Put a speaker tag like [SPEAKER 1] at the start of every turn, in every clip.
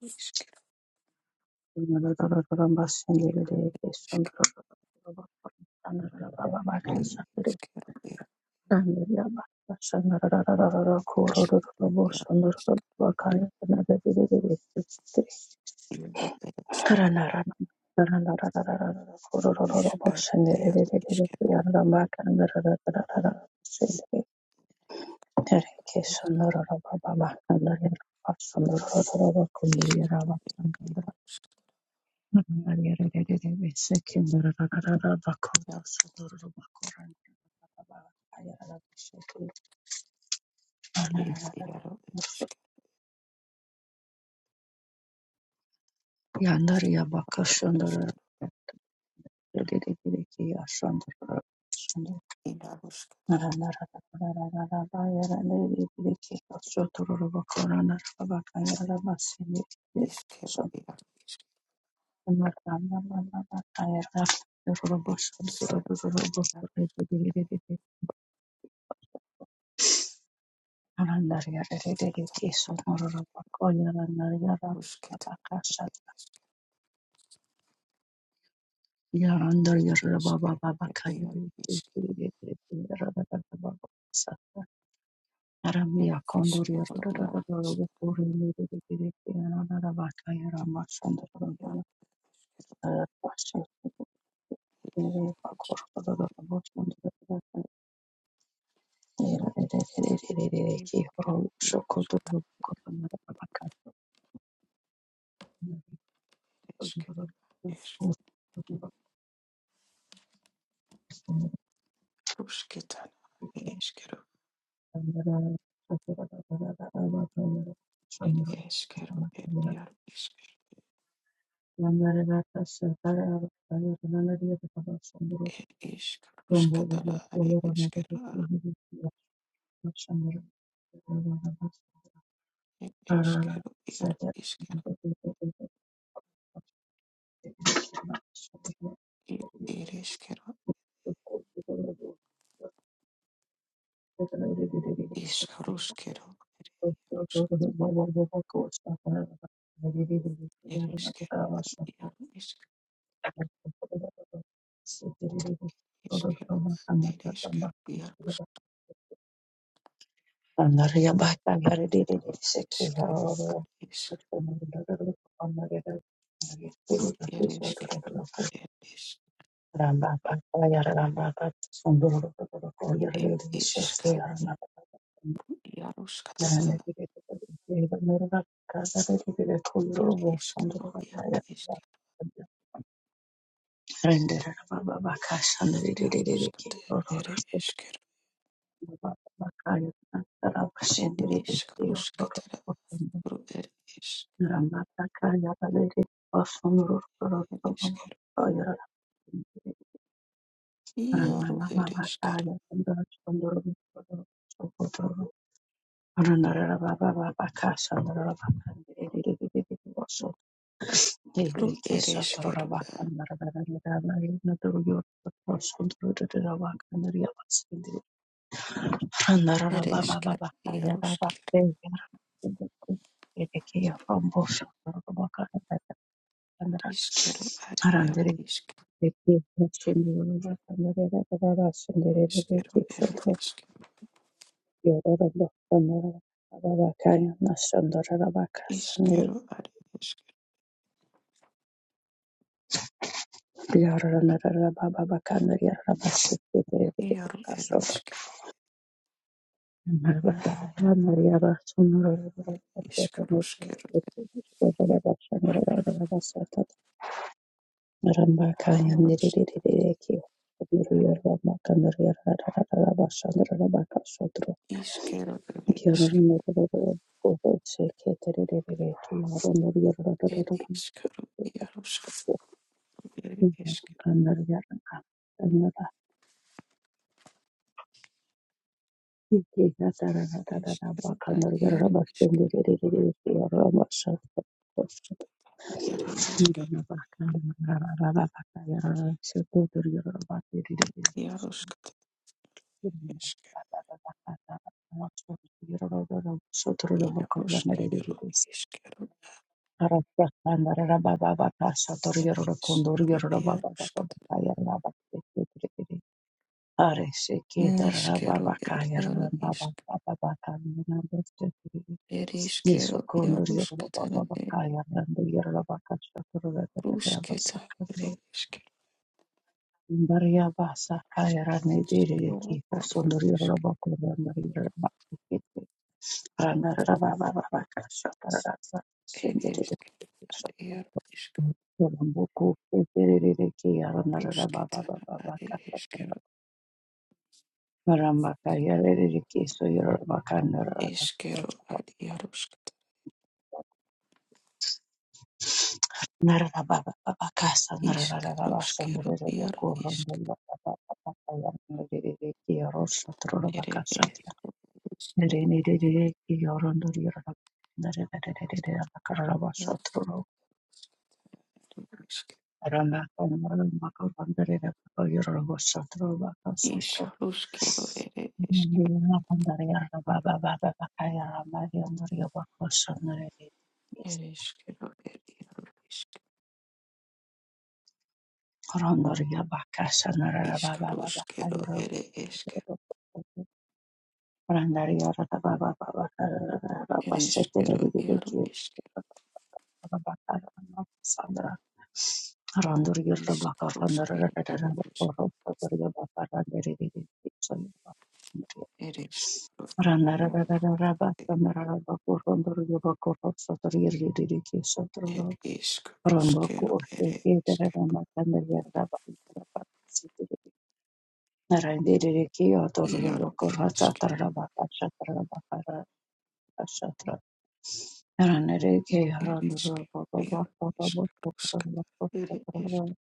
[SPEAKER 1] Iškeru, iškeru, iškeru, ir iškeru, ir iškeru, ir iškeru, iškeru, ir iškeru, ir iškeru, iškeru, ir iškeru, iškeru, iškeru, inaruška, iškeru, ir iškeru, iškeru, natarušketa, ir iškeru, ir ir iškeru, ir iškeru, ir iškeru, ir iškeru, ir iškeru, iškeru, iškeru, iškeru, Ed eskero, ed iaro isk, ed isk, ruskatara, are eskero, ed eskero, iaro iskero, ed er eskero, isk, ruskero, ed rusk, ed eskero, iaro isk, eskero, ed eskero, iaro isk, eskero, ad isk, ru, er eskero, ed isk, ed isk, iaro skatara, ed eskero, iaro isk, iaro skate, ere eskero, ed isk, Ru eres, eres quiero. Iaro eres quiero. Ru eres quiero. Eres quiero. Iaro quiero. Is quiero. Ariaro is quiero. Eres quiero. Eres quiero. Is quiero. Ares quiero. Iaro eres quiero. Is quiero. Quiero. Iaro quiero. Is quiero. Eres quiero. Eres quiero. Iaro quiero. Eres quiero. Eres quiero. Ariaro is quiero. Eres quiero. Iaro quiero. Eres quiero. Iaro quiero. ir išaro ieruškat, neiškėro ir iero išk, ir iškėro ieruškat, ir ruškėta, ir iškėro, iškėro, ar rušk, ir išk, ar iero išk, ruškėta, ar iškėro, iškėro, ar ieruškat, išk, ruškėro, iero išk, ir iškėro, iškėro, iero išk, išruškėro, ir išk. Ere eskero, ere iaro eskero, iskaro eskero, ere eskero, ere eskero, iaro eskero, iskaro eskero, ere eskero, ere eskero, iaro, ere ere eskaro eskero, ere eskero, iaro, ere eskero, ere eskero, iaro, eskaro eskero, ere eskero,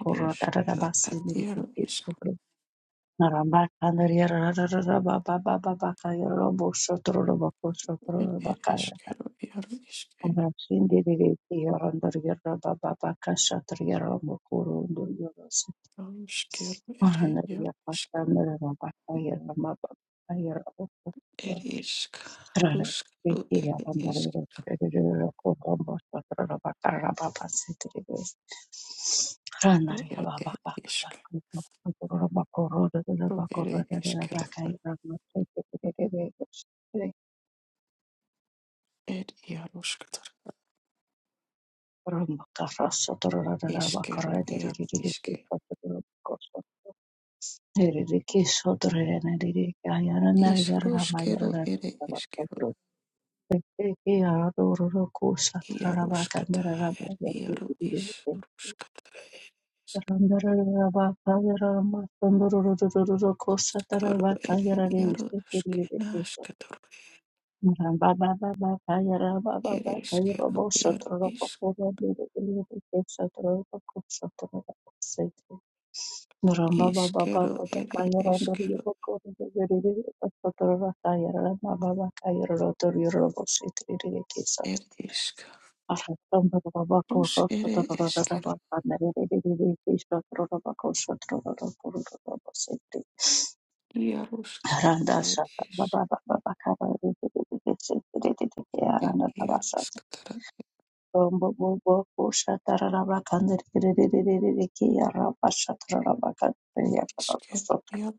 [SPEAKER 1] ere eskero, ad iaro eskero, ere iaro eskero, eskero, ere iaro It is Ruskaru ere eskeru ere eskeru ere eskeru ed iaruskatar eskeru iaru iske is ruskeru ere eskeru iaruskata ed iaru is ruskatar ed iskaru ere iaru skenaskatar ere eskeru iaru is iskeru ere eskeru ed iska rus ere eskeru Yarusk it is it Yarusk that isker yar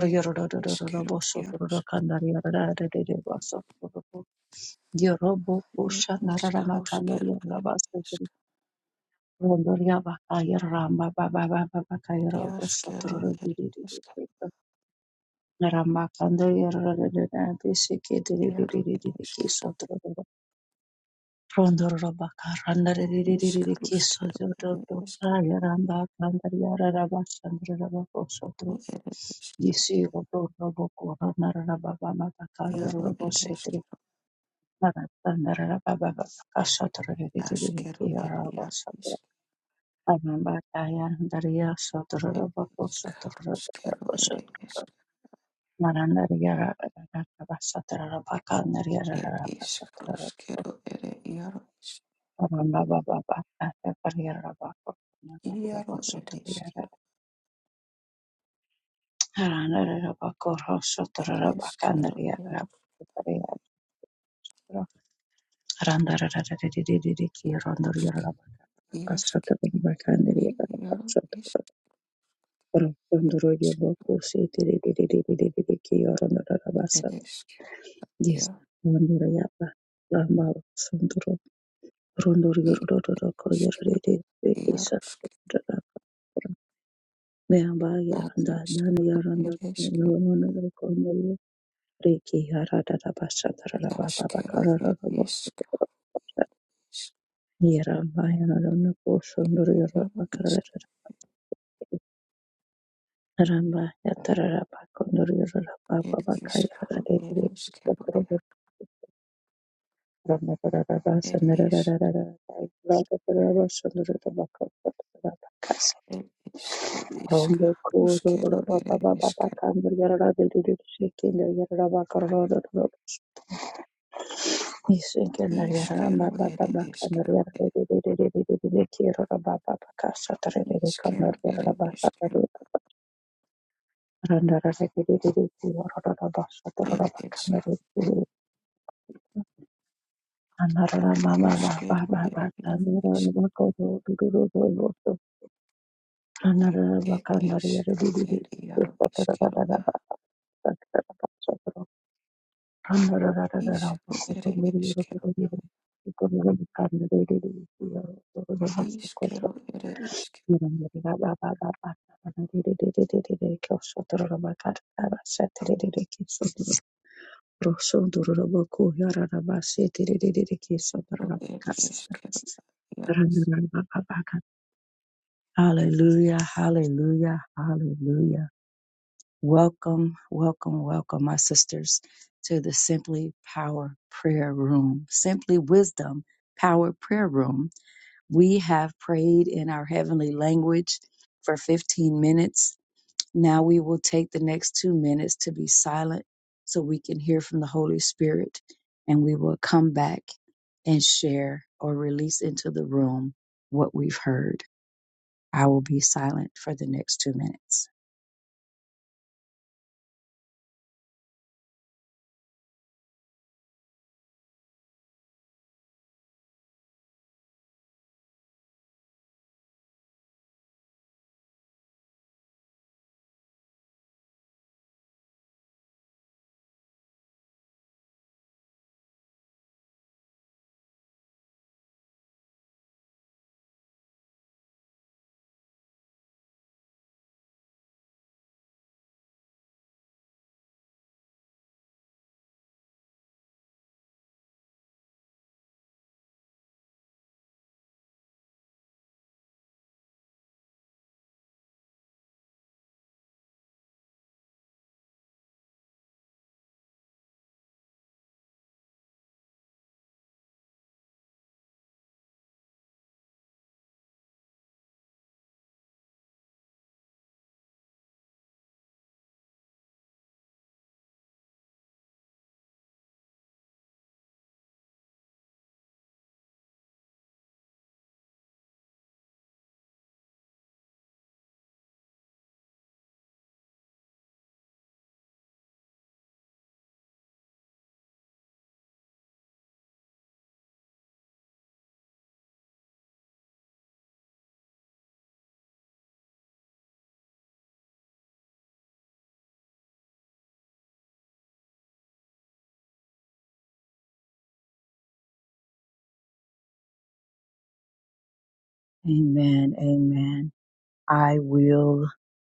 [SPEAKER 1] it iskero Yarusk it iskaroskero it isk Yaskero it isk Yar it isk it iskaroskero it iskero it isk Yaro it iskero Askero it Yar isk it iskaroskero it isk it iskaroskero it Yaro isk Yaro it isk Ereshkigal, Yaroshk- Yashkitini Yaro Ishkereshker Yar Ishker Yaroshk Ad Ishkero Ereshker Yashkero Er Ishk Ishk- Yaro Ishk Er Ishkero Ereshkero Er Er Ish Er Ishkero Ishka Rushkero Er Ishkero Ishkero Er Ishkero Er Ishkero Er Ishkero Er Ishkero Rushkero Er Yar Ed ishkero ed iaro ishkero a ishkero ere ishkero ishkero ere ishkero ed ishkero iaro.
[SPEAKER 2] Amen. Amen. I will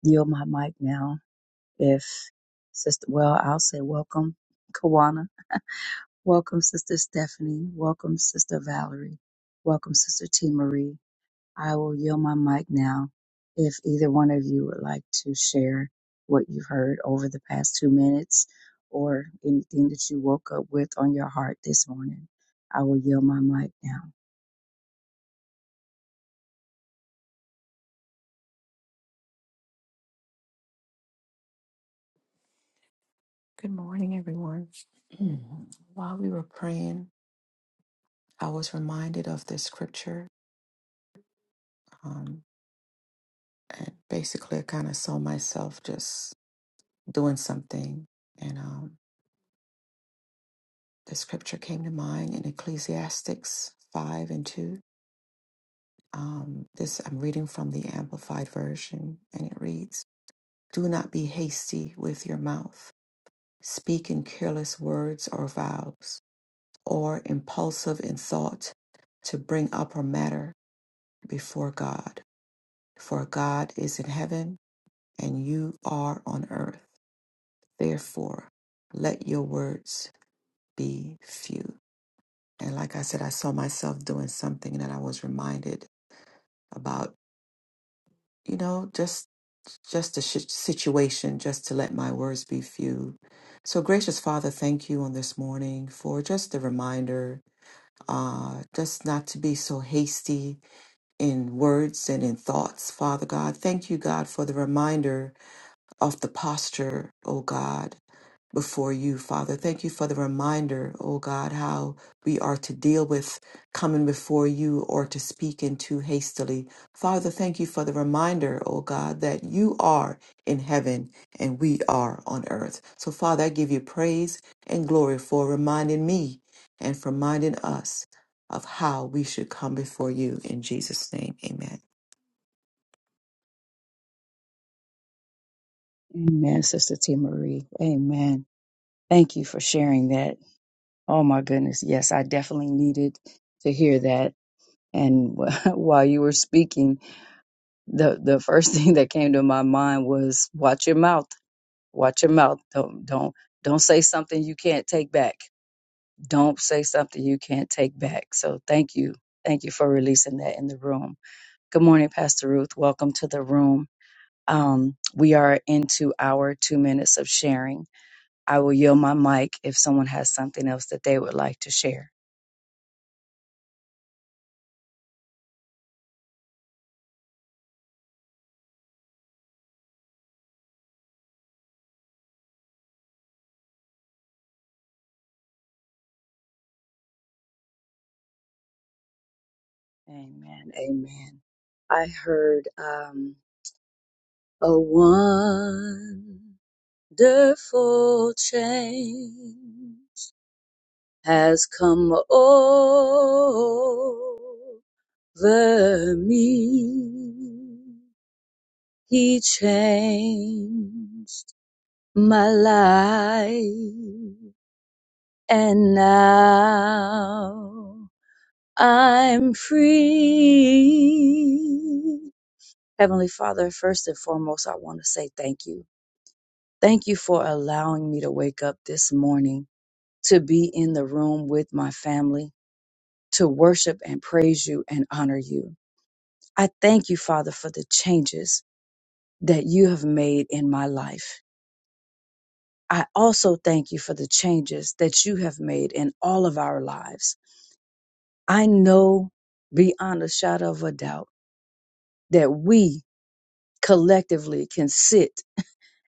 [SPEAKER 2] yield my mic now. If Sister, well, I'll say welcome, Kawana. Welcome, Sister Stephanie. Welcome, Sister Valerie. Welcome, Sister T. Marie. I will yield my mic now. If either one of you would like to share what you've heard over the past two minutes or anything that you woke up with on your heart this morning, I will yield my mic now.
[SPEAKER 1] Good morning, everyone. Mm. While we were praying, I was reminded of this scripture, um, and basically, I kind of saw myself just doing something, and um, the scripture came to mind in Ecclesiastics five and two. Um, this I'm reading from the Amplified version, and it reads. Do not be hasty with your mouth, speaking careless words or vows, or impulsive in thought to bring up a matter before God. For God is in heaven and you are on earth. Therefore, let your words be few. And like I said, I saw myself doing something that I was reminded about you know, just just the sh- situation, just to let my words be few. So, gracious Father, thank you on this morning for just the reminder, uh, just not to be so hasty in words and in thoughts, Father God. Thank you, God, for the reminder of the posture, oh God before you, Father. Thank you for the reminder, oh God, how we are to deal with coming before you or to speak in too hastily. Father, thank you for the reminder, oh God, that you are in heaven and we are on earth. So, Father, I give you praise and glory for reminding me and for reminding us of how we should come before you. In Jesus' name, amen.
[SPEAKER 2] Amen, Sister T. Marie. Amen. Thank you for sharing that. Oh my goodness. Yes, I definitely needed to hear that. And while you were speaking, the the first thing that came to my mind was watch your mouth. Watch your mouth. Don't don't don't say something you can't take back. Don't say something you can't take back. So thank you. Thank you for releasing that in the room. Good morning, Pastor Ruth. Welcome to the room. Um, we are into our two minutes of sharing. I will yield my mic if someone has something else that they would like to share. Amen. Amen. I heard, um, a wonderful change has come over me. He changed my life and now I'm free. Heavenly Father, first and foremost, I want to say thank you. Thank you for allowing me to wake up this morning, to be in the room with my family, to worship and praise you and honor you. I thank you, Father, for the changes that you have made in my life. I also thank you for the changes that you have made in all of our lives. I know beyond a shadow of a doubt that we collectively can sit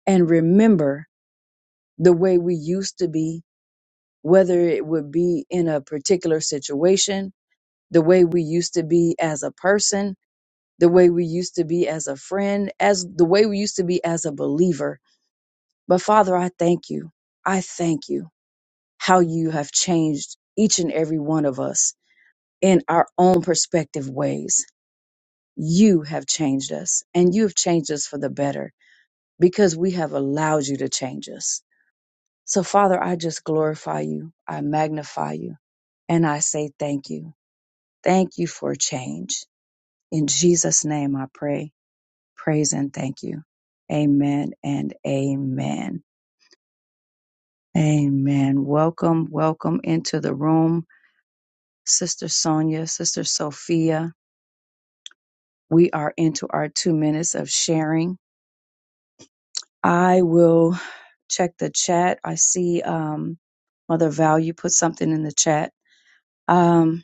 [SPEAKER 2] and remember the way we used to be whether it would be in a particular situation, the way we used to be as a person, the way we used to be as a friend, as the way we used to be as a believer. But Father, I thank you. I thank you how you have changed each and every one of us in our own perspective ways. You have changed us and you have changed us for the better because we have allowed you to change us. So Father, I just glorify you. I magnify you and I say thank you. Thank you for change. In Jesus' name I pray, praise and thank you. Amen and amen. Amen. Welcome, welcome into the room, Sister Sonia, Sister Sophia. We are into our two minutes of sharing. I will check the chat. I see um, Mother Val, you put something in the chat. Um,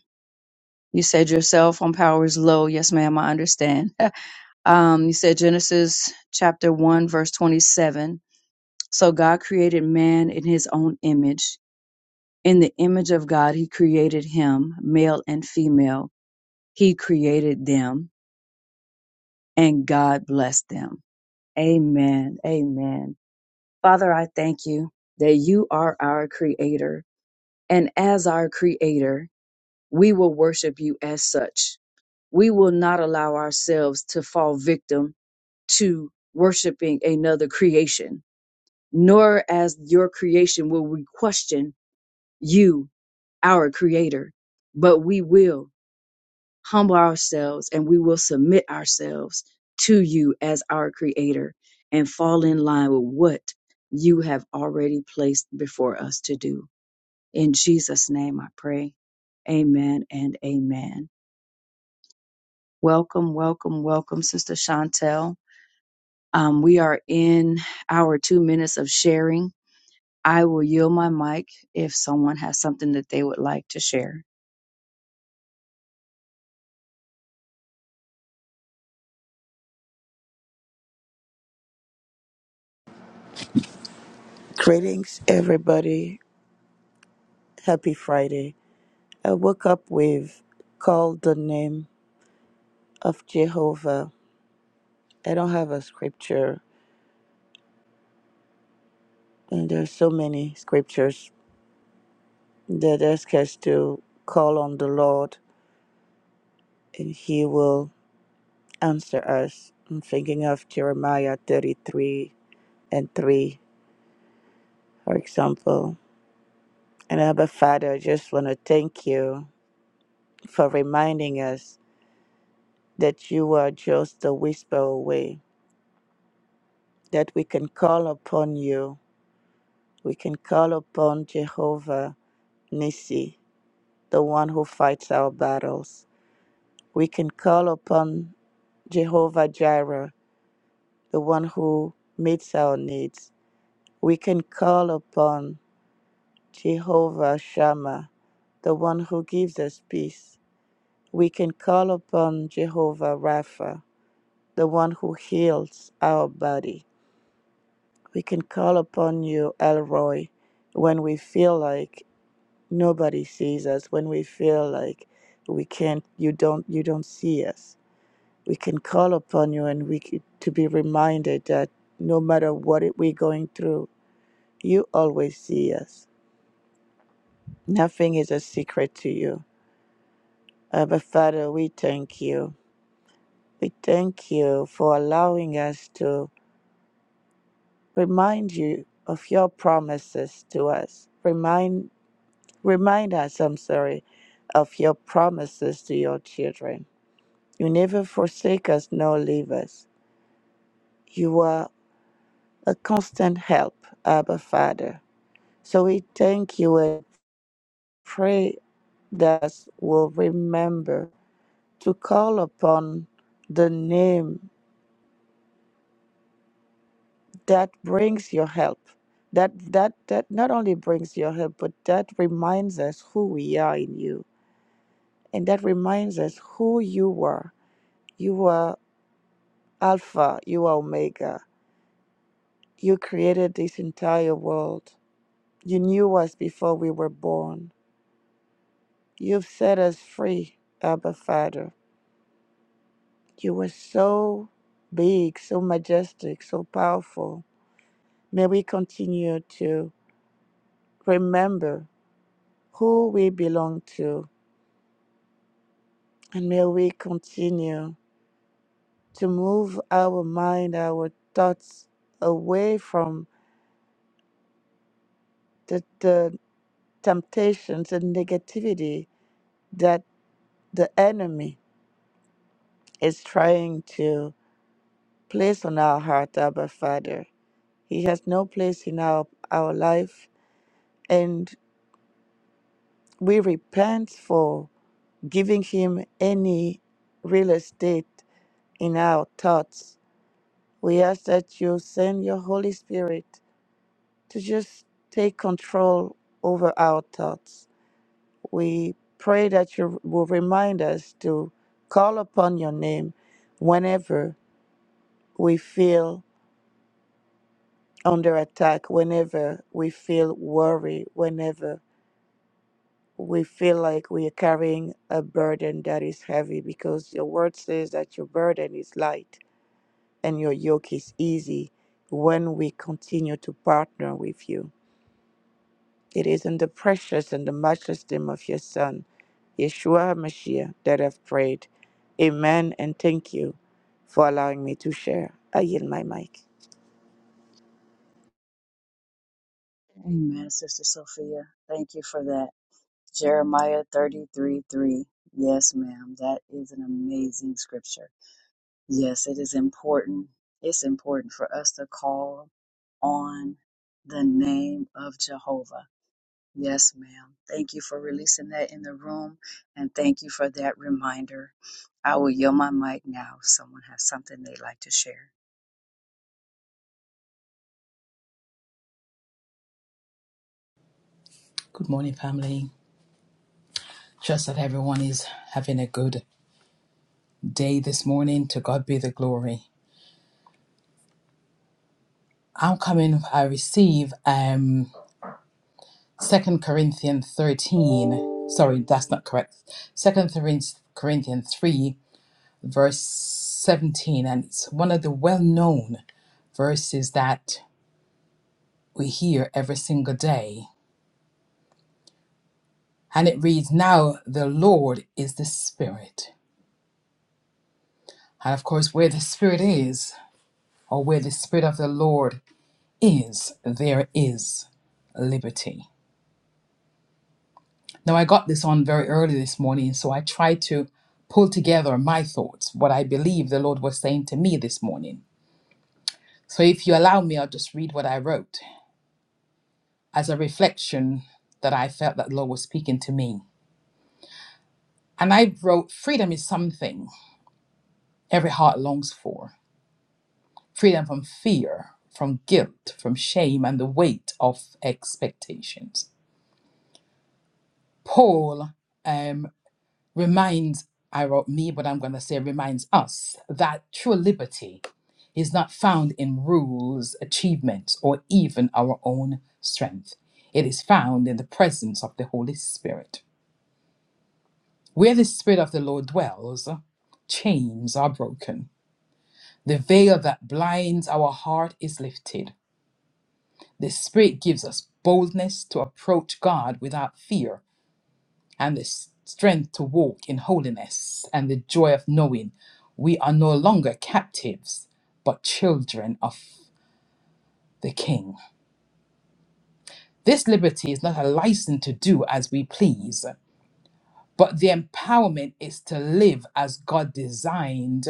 [SPEAKER 2] you said your cell phone power is low. Yes, ma'am, I understand. um, you said Genesis chapter 1, verse 27 So God created man in his own image. In the image of God, he created him, male and female. He created them, and God blessed them. Amen. Amen. Father, I thank you that you are our creator. And as our creator, we will worship you as such. We will not allow ourselves to fall victim to worshiping another creation, nor as your creation will we question you our creator, but we will humble ourselves and we will submit ourselves to you as our creator and fall in line with what you have already placed before us to do. In Jesus' name I pray. Amen and amen. Welcome, welcome, welcome, Sister Chantel. Um, we are in our two minutes of sharing. I will yield my mic if someone has something that they would like to share.
[SPEAKER 3] Greetings, everybody. Happy Friday. I woke up with Call the Name of Jehovah. I don't have a scripture, and there's so many scriptures that ask us to call on the Lord and He will answer us. I'm thinking of Jeremiah 33 and 3, for example. And Abba Father, I just want to thank you for reminding us that you are just a whisper away that we can call upon you. We can call upon Jehovah Nissi, the one who fights our battles. We can call upon Jehovah Jireh, the one who meets our needs. We can call upon Jehovah Shammah, the one who gives us peace. We can call upon Jehovah Rapha, the one who heals our body. We can call upon you, Elroy, when we feel like nobody sees us when we feel like we can't you don't you don't see us we can call upon you and we c- to be reminded that no matter what it- we're going through you always see us nothing is a secret to you abba father we thank you we thank you for allowing us to remind you of your promises to us remind remind us i'm sorry of your promises to your children You never forsake us nor leave us. You are a constant help, Abba Father. So we thank you and pray that us will remember to call upon the name that brings your help. That that that not only brings your help, but that reminds us who we are in you. And that reminds us who you were. You are Alpha, you are Omega. You created this entire world You knew us before we were born. You've set us free, Abba Father. You were so big, so majestic, so powerful. May we continue to remember who we belong to, and may we continue to move our mind, our thoughts away from the, the temptations and negativity that the enemy is trying to place on our heart, Abba Father. He has no place in our, our life. And we repent for giving him any real estate in our thoughts. We ask that you send your Holy Spirit to just take control over our thoughts. We pray that you will remind us to call upon your name whenever we feel under attack, whenever we feel worry, whenever we feel like we are carrying a burden that is heavy because your word says that your burden is light and your yoke is easy when we continue to partner with you. It is in the precious and the matchless name of your Son, Yeshua HaMashiach, that I've prayed. Amen and thank you for allowing me to share. I yield my mic.
[SPEAKER 2] Amen, Sister Sophia. Thank you for that. Jeremiah 33 3. Yes, ma'am. That is an amazing scripture. Yes, it is important. It's important for us to call on the name of Jehovah. Yes, ma'am. Thank you for releasing that in the room and thank you for that reminder. I will yield my mic now if someone has something they'd like to share.
[SPEAKER 4] Good morning, family. Trust that everyone is having a good day this morning. To God be the glory. I'm coming, I receive um 2 Corinthians 13. Sorry, that's not correct. Second Corinthians Corinthians 3, verse 17. And it's one of the well known verses that we hear every single day. And it reads, Now the Lord is the Spirit. And of course, where the Spirit is, or where the Spirit of the Lord is there is liberty. Now, I got this on very early this morning, so I tried to pull together my thoughts, what I believe the Lord was saying to me this morning. So, if you allow me, I'll just read what I wrote as a reflection that I felt that the Lord was speaking to me. And I wrote, Freedom is something every heart longs for freedom from fear, from guilt, from shame, and the weight of expectations. Paul um, reminds, I wrote me, but I'm going to say reminds us that true liberty is not found in rules, achievements, or even our own strength. It is found in the presence of the Holy Spirit. Where the Spirit of the Lord dwells, chains are broken. The veil that blinds our heart is lifted. The Spirit gives us boldness to approach God without fear and the strength to walk in holiness and the joy of knowing we are no longer captives but children of the King. This liberty is not a license to do as we please, but the empowerment is to live as God designed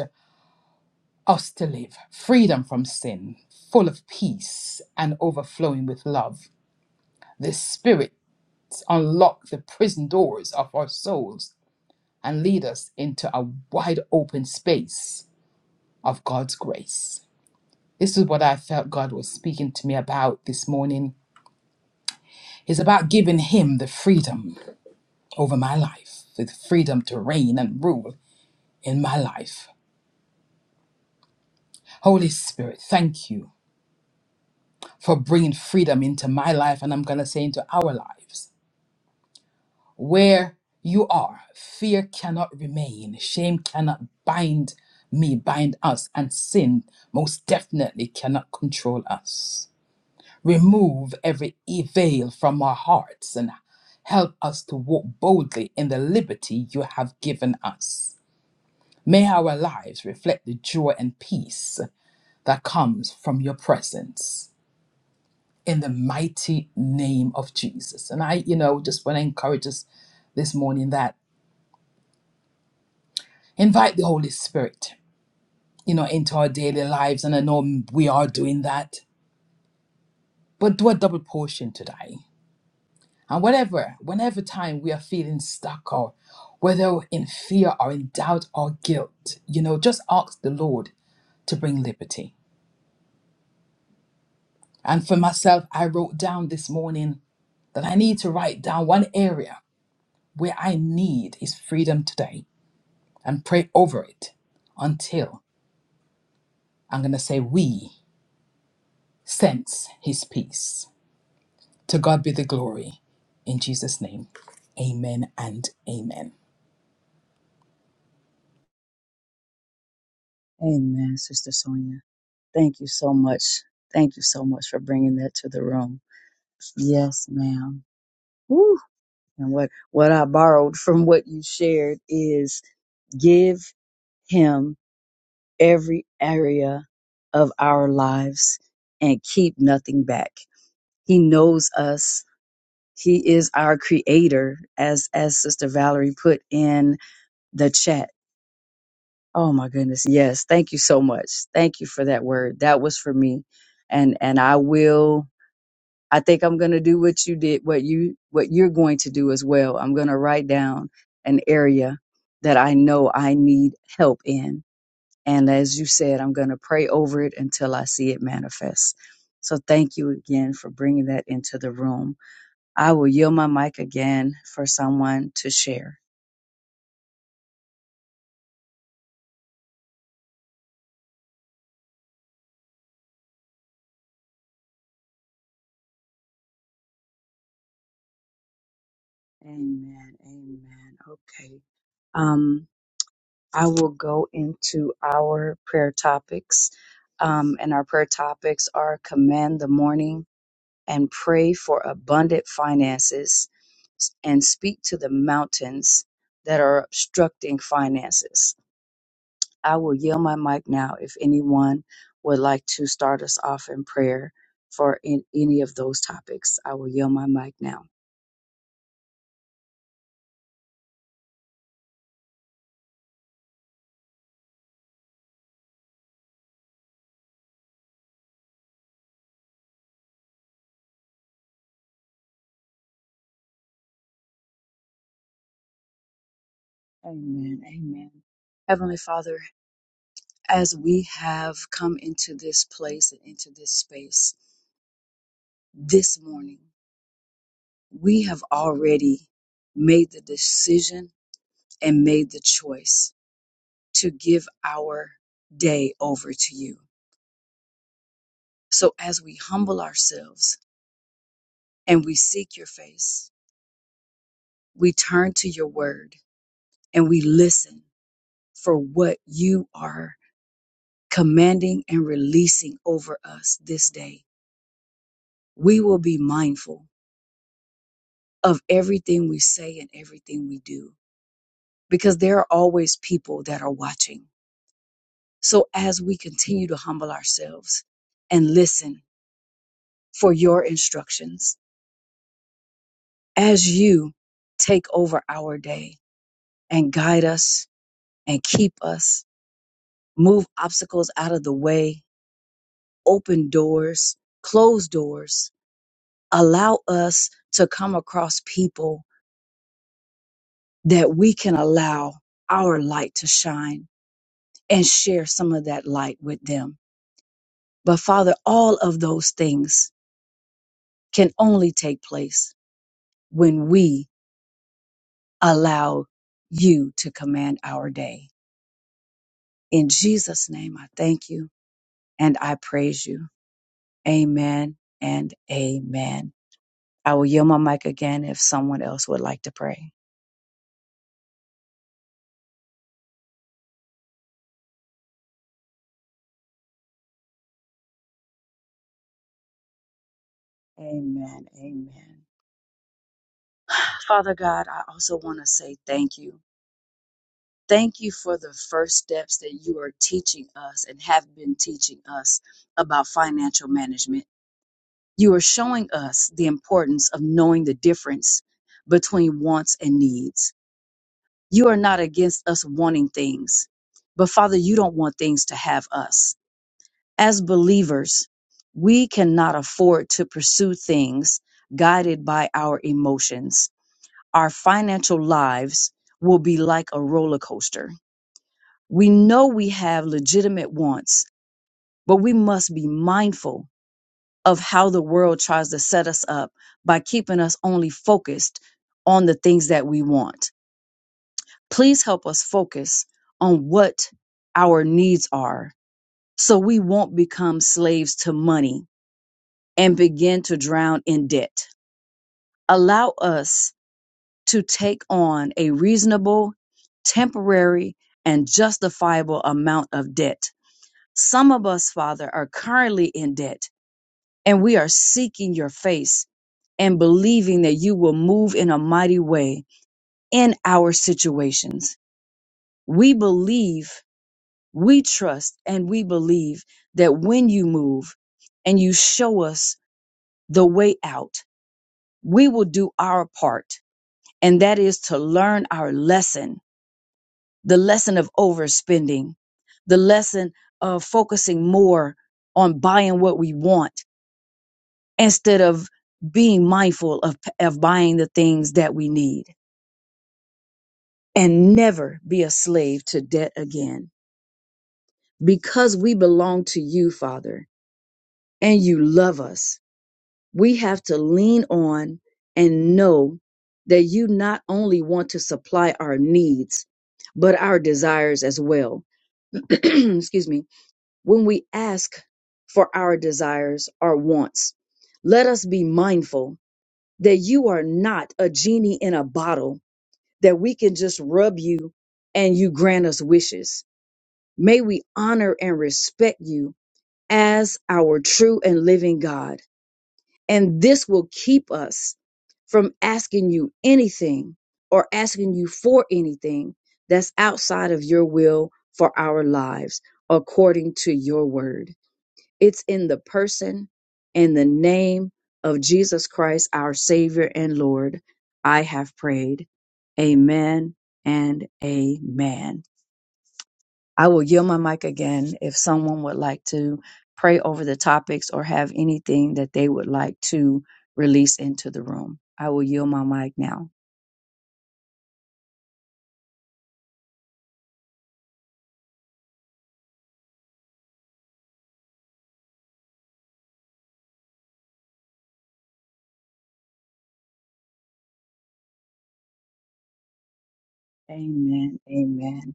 [SPEAKER 4] us to live. Freedom from sin, full of peace and overflowing with love. The Spirit unlocks the prison doors of our souls and lead us into a wide open space of God's grace. This is what I felt God was speaking to me about this morning. It's about giving Him the freedom over my life, the freedom to reign and rule in my life. Holy Spirit, thank you for bringing freedom into my life, and I'm going to say into our lives. Where you are, fear cannot remain, shame cannot bind me, bind us, and sin most definitely cannot control us. Remove every e- veil from our hearts and help us to walk boldly in the liberty you have given us. May our lives reflect the joy and peace that comes from your presence in the mighty name of Jesus. And I, you know, just want to encourage us this morning that invite the Holy Spirit, you know, into our daily lives. And I know we are doing that, but do a double portion today And whatever, whenever time we are feeling stuck or whether in fear or in doubt or guilt, you know, just ask the Lord to bring liberty. And for myself, I wrote down this morning that I need to write down one area where I need is freedom today and pray over it until I'm going to say, we sense his peace. To God be the glory. In Jesus' name, amen and amen.
[SPEAKER 2] Amen, Sister Sonia. Thank you so much. Thank you so much for bringing that to the room. Yes, ma'am. And what, what I borrowed from what you shared is give him every area of our lives and keep nothing back. He knows us. He is our creator as as Sister Valerie put in the chat. Oh my goodness. Yes, thank you so much. Thank you for that word. That was for me. And and I will I think I'm going to do what you did, what you, what you're going to do as well. I'm going to write down an area that I know I need help in. And as you said, I'm going to pray over it until I see it manifest. So thank you again for bringing that into the room. I will yield my mic again for someone to share. Amen. Amen. Okay. Um, I will go into our prayer topics. Um, and our prayer topics are command the morning, and pray for abundant finances and speak to the mountains that are obstructing finances. I will yield my mic now if anyone would like to start us off in prayer for in any of those topics. I will yield my mic now. Amen. Amen. Heavenly Father, as we have come into this place and into this space this morning, we have already made the decision and made the choice to give our day over to you. So as we humble ourselves and we seek your face, we turn to your word and we listen for what you are commanding and releasing over us this day. We will be mindful of everything we say and everything we do because there are always people that are watching. So as we continue to humble ourselves and listen for your instructions, as you take over our day and guide us and keep us, move obstacles out of the way, open doors, close doors, allow us to come across people that we can allow our light to shine and share some of that light with them. But Father, all of those things can only take place when we allow you to command our day. In Jesus' name, I thank you. and I praise you. Amen and amen. I will yield my mic again if someone else would like to pray. Amen. Amen. Father God, I also want to say thank you. Thank you for the first steps that you are teaching us and have been teaching us about financial management. You are showing us the importance of knowing the difference between wants and needs. You are not against us wanting things, but Father, you don't want things to have us. As believers, we cannot afford to pursue things guided by our emotions. Our financial lives will be like a roller coaster. We know we have legitimate wants, but we must be mindful of how the world tries to set us up by keeping us only focused on the things that we want. Please help us focus on what our needs are so we won't become slaves to money and begin to drown in debt. Allow us to take on a reasonable, temporary, and justifiable amount of debt. Some of us, Father, are currently in debt, and we are seeking your face and believing that you will move in a mighty way in our situations. We believe, we trust, and we believe that when you move and you show us the way out, we will do our part and that is to learn our lesson the lesson of overspending, the lesson of focusing more on buying what we want instead of being mindful of, of buying the things that we need and never be a slave to debt again. Because we belong to you, Father, and you love us, we have to lean on and know that you not only want to supply our needs, but our desires as well excuse me, when we ask for our desires or wants, let us be mindful that you are not a genie in a bottle that we can just rub you and you grant us wishes. May we honor and respect you as our true and living God. And this will keep us from asking you anything or asking you for anything that's outside of your will for our lives, according to your word. It's in the person and the name of Jesus Christ, our Savior and Lord. I have prayed. Amen and amen. I will yield my mic again if someone would like to pray over the topics or have anything that they would like to release into the room. I will yield my mic now. Amen. Amen.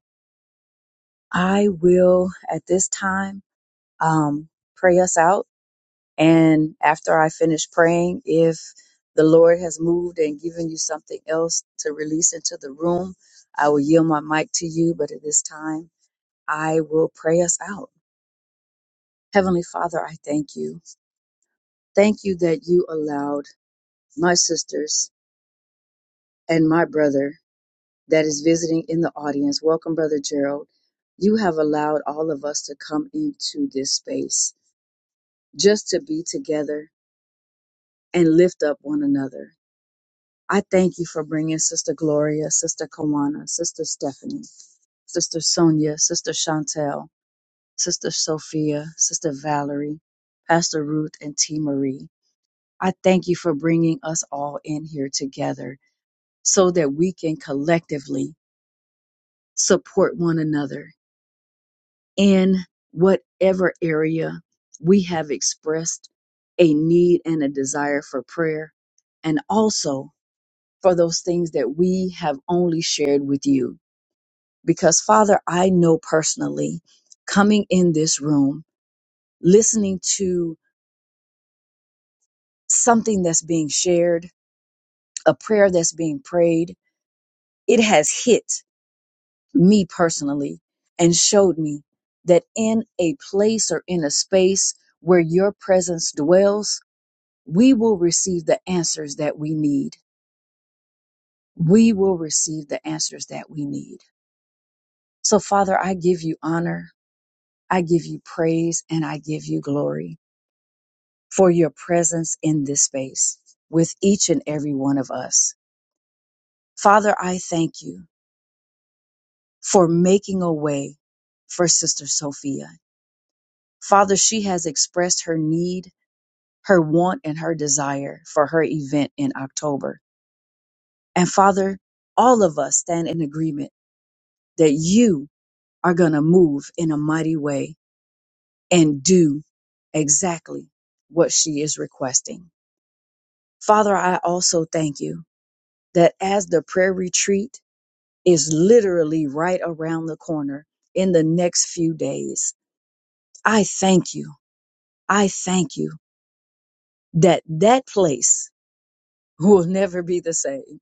[SPEAKER 2] I will at this time um, pray us out. And after I finish praying, if the Lord has moved and given you something else to release into the room, I will yield my mic to you. But at this time, I will pray us out. Heavenly Father, I thank you. Thank you that you allowed my sisters and my brother that is visiting in the audience. Welcome, Brother Gerald. You have allowed all of us to come into this space just to be together and lift up one another. I thank you for bringing Sister Gloria, Sister Kawana, Sister Stephanie, Sister Sonia, Sister Chantel, Sister Sophia, Sister Valerie, Pastor Ruth, and T. Marie. I thank you for bringing us all in here together so that we can collectively support one another in whatever area we have expressed a need and a desire for prayer, and also for those things that we have only shared with you because Father, I know personally coming in this room, listening to something that's being shared, a prayer that's being prayed, it has hit me personally and showed me that in a place or in a space where your presence dwells, we will receive the answers that we need. We will receive the answers that we need. So, Father, I give you honor, I give you praise, and I give you glory. for your presence in this space with each and every one of us. Father, I thank you for making a way for Sister Sophia. Father, she has expressed her need, her want, and her desire for her event in October. And Father, all of us stand in agreement that you are going to move in a mighty way and do exactly what she is requesting. Father, I also thank you that as the prayer retreat is literally right around the corner in the next few days. I thank you. I thank you that that place will never be the same.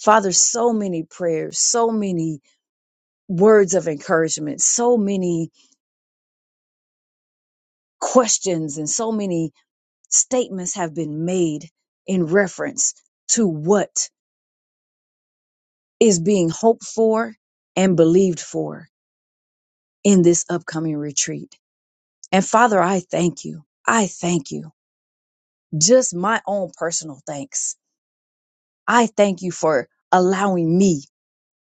[SPEAKER 2] Father, so many prayers, so many words of encouragement, so many questions and so many statements have been made in reference to what is being hoped for and believed for in this upcoming retreat. And Father, I thank you. I thank you. just my own personal thanks. I thank you for allowing me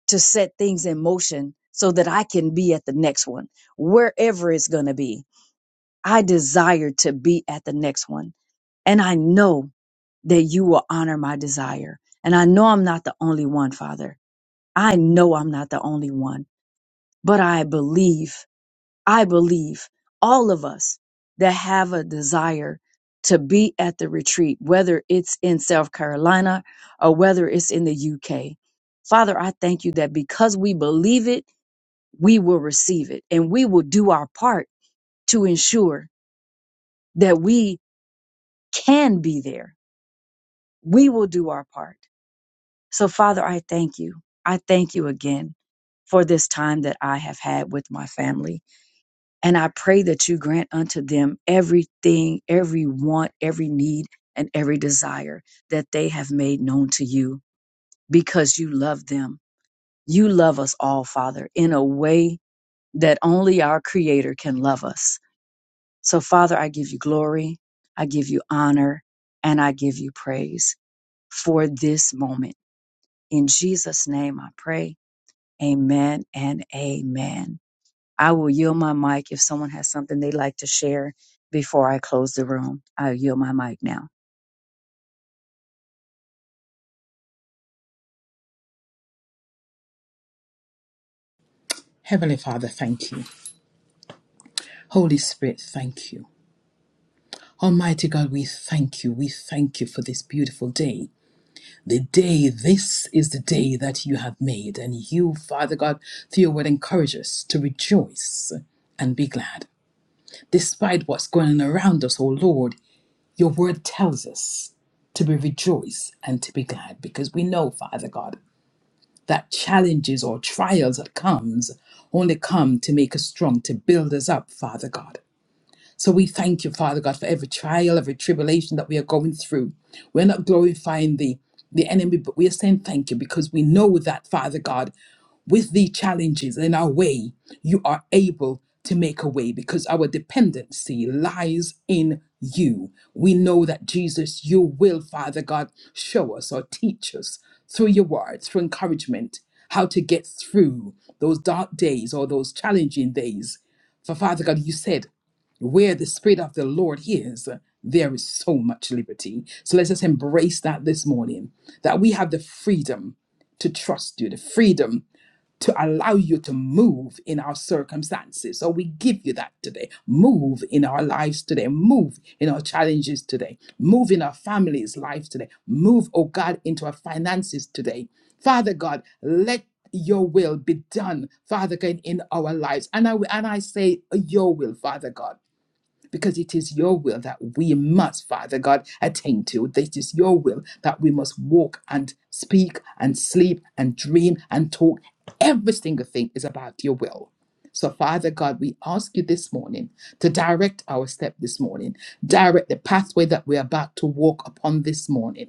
[SPEAKER 2] to set things in motion so that I can be at the next one, wherever it's going to be. I desire to be at the next one. And I know that you will honor my desire. And I know I'm not the only one, Father. I know I'm not the only one, but I believe I believe all of us that have a desire to be at the retreat, whether it's in South Carolina or whether it's in the UK. Father, I thank you that because we believe it, we will receive it and we will do our part to ensure that we can be there. We will do our part. So, Father, I thank you. I thank you again for this time that I have had with my family. And I pray that you grant unto them everything, every want, every need, and every desire that they have made known to you because you love them. You love us all, Father, in a way that only our Creator can love us. So, Father, I give you glory, I give you honor, and I give you praise for this moment. In Jesus' name I pray. Amen and amen. I will yield my mic if someone has something they'd like to share before I close the room. I'll yield my mic now.
[SPEAKER 4] Heavenly Father, thank you. Holy Spirit, thank you. Almighty God, we thank you. We thank you for this beautiful day. The day, this is the day that you have made. And you, Father God, through your word, encourage us to rejoice and be glad. Despite what's going on around us, oh Lord, your word tells us to be rejoice and to be glad because we know, Father God, that challenges or trials that comes only come to make us strong, to build us up, Father God. So we thank you, Father God, for every trial, every tribulation that we are going through. We're not glorifying the, the enemy, but we are saying thank you because we know that, Father God, with the challenges in our way, you are able to make a way because our dependency lies in you. We know that Jesus, you will, Father God, show us or teach us through your words, through encouragement, how to get through those dark days or those challenging days. For Father God, you said where the Spirit of the Lord is, there is so much liberty. So let's just embrace that this morning that we have the freedom to trust you, the freedom to allow you to move in our circumstances. So we give you that today. Move in our lives today. Move in our challenges today. Move in our families' lives today. Move, oh God, into our finances today. Father God, let your will be done, Father God, in our lives. And I and I say your will, Father God because it is your will that we must, Father God, attain to. It is your will that we must walk and speak and sleep and dream and talk. Every single thing is about your will. So, Father God, we ask you this morning to direct our step this morning, direct the pathway that we're about to walk upon this morning.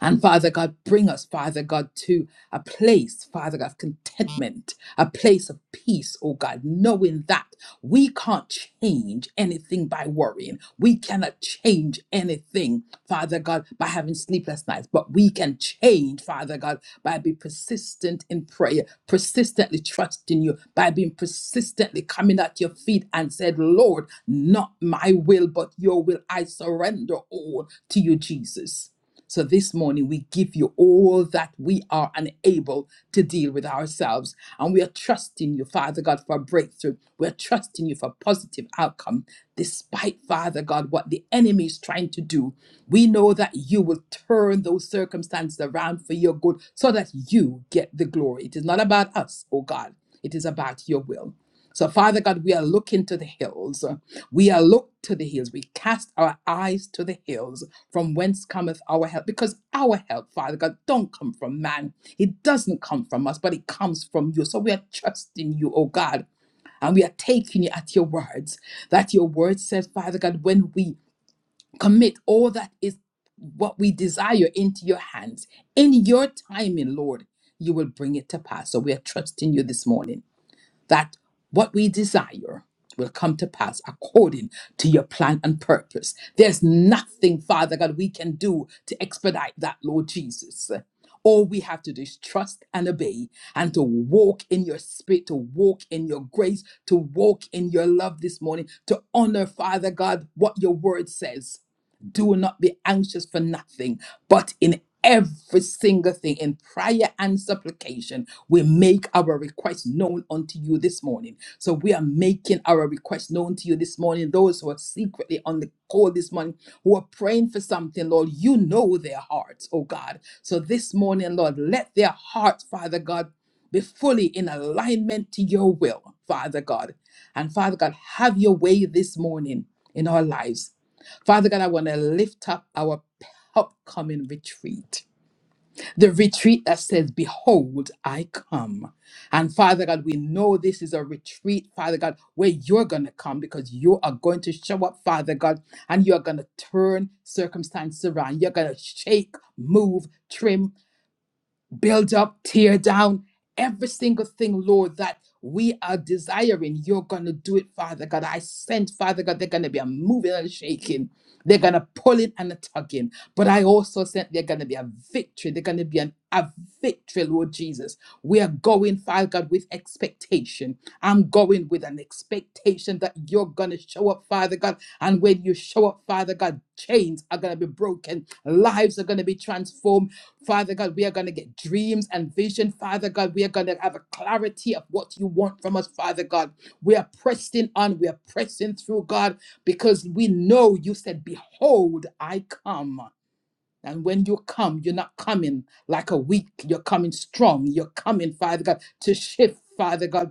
[SPEAKER 4] And Father God, bring us, Father God, to a place, Father God, of contentment, a place of peace, oh God, knowing that we can't change anything by worrying. We cannot change anything, Father God, by having sleepless nights, but we can change, Father God, by being persistent in prayer, persistently trusting you, by being persistently coming at your feet and said, Lord, not my will, but your will. I surrender all to you, Jesus. So this morning, we give you all that we are unable to deal with ourselves. And we are trusting you, Father God, for a breakthrough. We're trusting you for a positive outcome, despite, Father God, what the enemy is trying to do. We know that you will turn those circumstances around for your good so that you get the glory. It is not about us, oh God, it is about your will. So, Father God, we are looking to the hills. We are look to the hills. We cast our eyes to the hills from whence cometh our help? Because our help, Father God, don't come from man. It doesn't come from us, but it comes from you. So we are trusting you, oh God, and we are taking you at your words. That your word says, Father God, when we commit all that is what we desire into your hands, in your timing, Lord, you will bring it to pass. So we are trusting you this morning that what we desire will come to pass according to your plan and purpose. There's nothing, Father God, we can do to expedite that, Lord Jesus. All we have to do is trust and obey and to walk in your spirit, to walk in your grace, to walk in your love this morning, to honor, Father God, what your word says do not be anxious for nothing, but in every single thing in prayer and supplication we make our request known unto you this morning so we are making our request known to you this morning those who are secretly on the call this morning who are praying for something lord you know their hearts oh god so this morning lord let their hearts father god be fully in alignment to your will father god and father god have your way this morning in our lives Father God, I want to lift up our upcoming retreat, the retreat that says, Behold, I come. And Father God, we know this is a retreat, Father God, where you're going to come because you are going to show up, Father God, and you're going to turn circumstances around. You're going to shake, move, trim, build up, tear down every single thing, Lord, that we are desiring. You're going to do it, Father God. I sense, Father God, they're going to be a moving and a shaking. They're going to pull in and a tugging. But I also sense they're going to be a victory. They're going to be an, a victory, Lord Jesus. We are going, Father God, with expectation. I'm going with an expectation that you're going to show up, Father God. And when you show up, Father God, chains are going to be broken, lives are going to be transformed Father God, we are going to get dreams and vision. Father God, we are going to have a clarity of what you want from us, Father God. We are pressing on. We are pressing through, God, because we know you said, Behold, I come. And when you come, you're not coming like a weak. You're coming strong. You're coming, Father God, to shift, Father God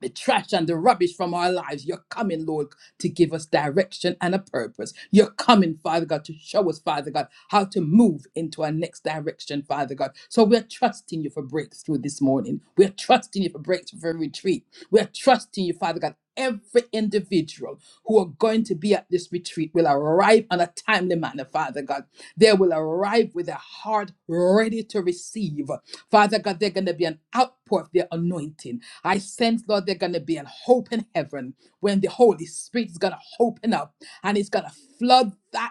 [SPEAKER 4] the trash and the rubbish from our lives. You're coming, Lord, to give us direction and a purpose. You're coming, Father God, to show us, Father God, how to move into our next direction, Father God. So we're trusting you for breakthrough this morning. We're trusting you for breakthrough for retreat. We're trusting you, Father God. Every individual who are going to be at this retreat will arrive on a timely manner, Father God. They will arrive with a heart ready to receive. Father God, they're going to be an outpour of their anointing. I sense, Lord, they're going to be an hope in heaven when the Holy Spirit is going to open up and it's going to flood. that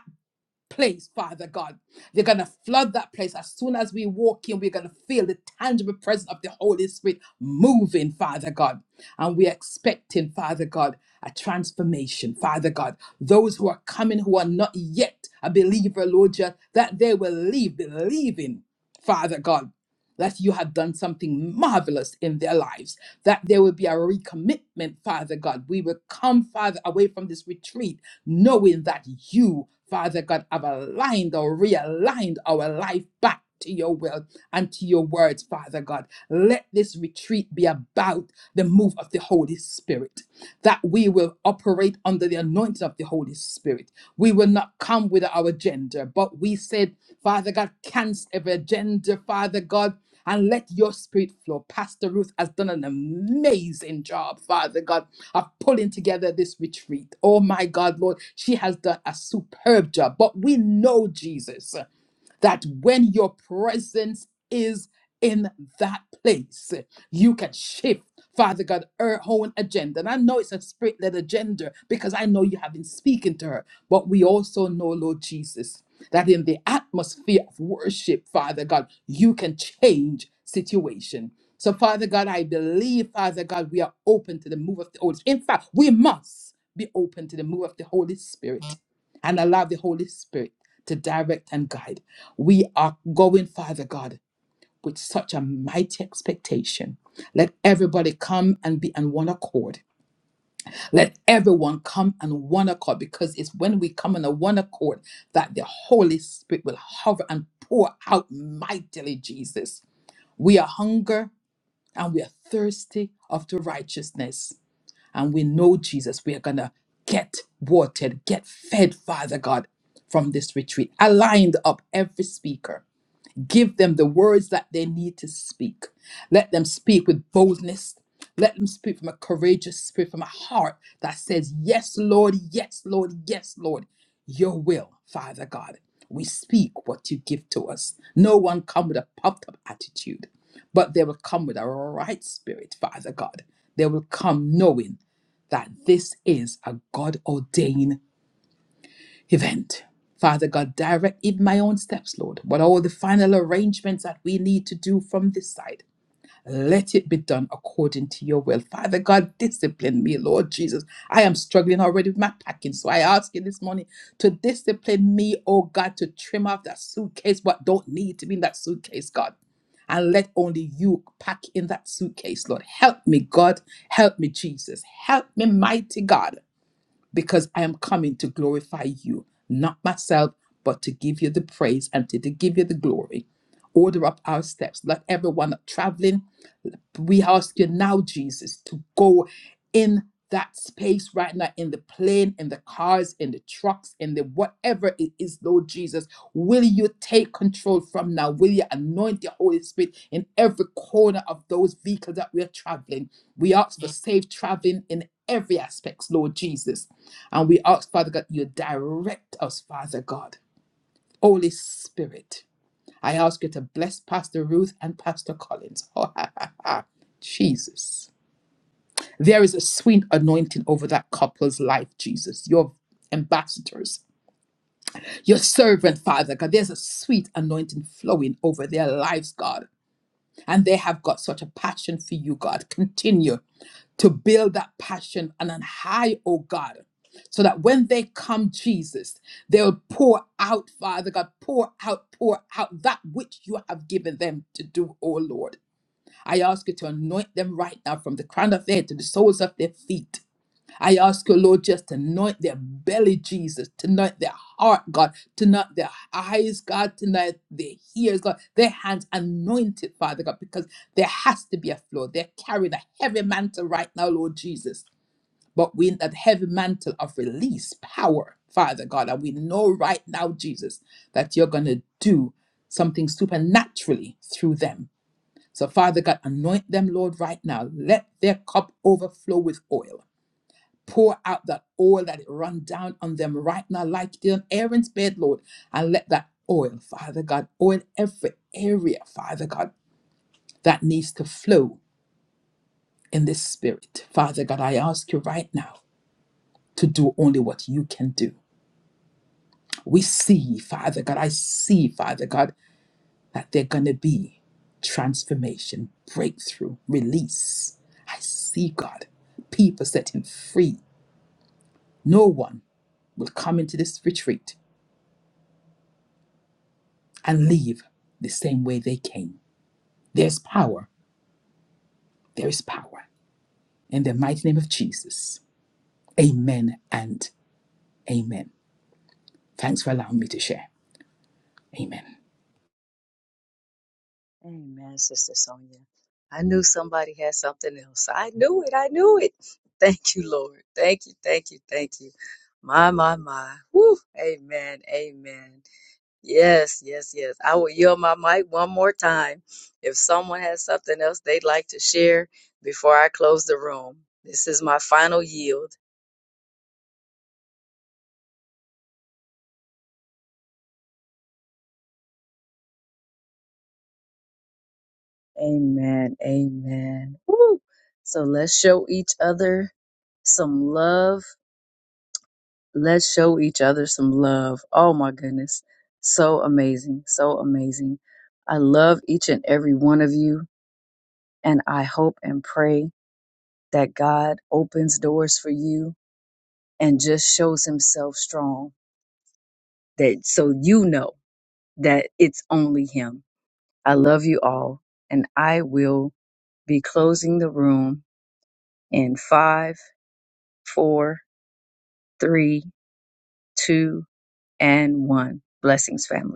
[SPEAKER 4] place, Father God. They're going to flood that place. As soon as we walk in, we're going to feel the tangible presence of the Holy Spirit moving, Father God. And we're expecting, Father God, a transformation, Father God. Those who are coming who are not yet a believer, Lord, just that they will leave believing, Father God. That you have done something marvelous in their lives, that there will be a recommitment, Father God. We will come, Father, away from this retreat knowing that you, Father God, have aligned or realigned our life back to your will and to your words, Father God. Let this retreat be about the move of the Holy Spirit, that we will operate under the anointing of the Holy Spirit. We will not come with our agenda, but we said, Father God, cancel every agenda, Father God. And let your spirit flow. Pastor Ruth has done an amazing job, Father God of pulling together this retreat. Oh my God, Lord, she has done a superb job. But we know, Jesus that when your presence is in that place, you can shift, Father God, her own agenda. And I know it's a spirit led agenda because I know you have been speaking to her, but we also know, Lord Jesus, that in the atmosphere of worship, Father God, you can change situation. So, Father God, I believe, Father God, we are open to the move of the Holy Spirit. In fact, we must be open to the move of the Holy Spirit and allow the Holy Spirit to direct and guide. We are going, Father God, with such a mighty expectation. Let everybody come and be on one accord. Let everyone come on one accord because it's when we come on a one accord that the Holy Spirit will hover and pour out mightily, Jesus. We are hunger and we are thirsty after righteousness. And we know, Jesus, we are going to get watered, get fed, Father God, from this retreat. Aligned up every speaker Give them the words that they need to speak. Let them speak with boldness. Let them speak from a courageous spirit, from a heart that says, Yes, Lord, yes, Lord, yes, Lord, your will, Father God. We speak what you give to us. No one come with a puffed up attitude, but they will come with a right spirit, Father God. They will come knowing that this is a God ordained event. Father God, direct even my own steps, Lord, but all the final arrangements that we need to do from this side. Let it be done according to your will. Father God, discipline me, Lord Jesus. I am struggling already with my packing. So I ask you this morning to discipline me, oh God, to trim off that suitcase, what don't need to be in that suitcase, God. And let only you pack in that suitcase, Lord. Help me, God. Help me, Jesus. Help me, mighty God because I am coming to glorify you, not myself, but to give you the praise and to, to give you the glory. Order up our steps. Let everyone traveling we ask you now, Jesus, to go in that space right now in the plane, in the cars, in the trucks, in the whatever it is, Lord Jesus. Will you take control from now? Will you anoint the Holy Spirit in every corner of those vehicles that we are traveling? We ask for safe traveling in every aspect, Lord Jesus. And we ask, Father God, you direct us, Father God. Holy Spirit. I ask you to bless Pastor Ruth and Pastor Collins. Jesus. There is a sweet anointing over that couple's life, Jesus. Your ambassadors, your servant, Father God. There's a sweet anointing flowing over their lives, God. And they have got such a passion for you, God. Continue to build that passion and on high, oh God, so that when they come, Jesus, they'll pour out, Father God, pour out, pour out that which you have given them to do, oh Lord. I ask you to anoint them right now from the crown of their head to the soles of their feet. I ask you, Lord, just to anoint their belly, Jesus, to anoint their heart, God, to anoint their eyes, God, to anoint their ears, God, their hands anointed, Father God, because there has to be a flow. They're carrying a heavy mantle right now, Lord Jesus. But we in that heavy mantle of release, power, Father God, and we know right now, Jesus, that you're gonna do something supernaturally through them. So, Father God, anoint them, Lord, right now. Let their cup overflow with oil pour out that oil that it run down on them right now, like it did on Aaron's bed, Lord, and let that oil, Father God, oil every area, Father God, that needs to flow in this spirit. Father God, I ask you right now to do only what you can do. We see, Father God, I see, Father God, that they're going to be transformation, breakthrough, release. I see, God, people setting free. No one will come into this retreat and leave the same way they came. There's power. There is power. In the mighty name of Jesus. Amen and amen. Thanks for allowing me to share. Amen.
[SPEAKER 2] Amen, Sister Sonia. I knew somebody had something else. I knew it. I knew it. Thank you, Lord. Thank you. Thank you. Thank you. My, my, my. Woo. Amen. Amen. Yes, yes, yes. I will yield my mic one more time. If someone has something else they'd like to share before I close the room, this is my final yield. Amen. Amen. Woo. So let's show each other some love. Let's show each other some love. Oh my goodness. So amazing. So amazing. I love each and every one of you. And I hope and pray that God opens doors for you and just shows himself strong. That so you know that it's only him. I love you all. And I will be closing the room in five four, three, two, and one. Blessings, family.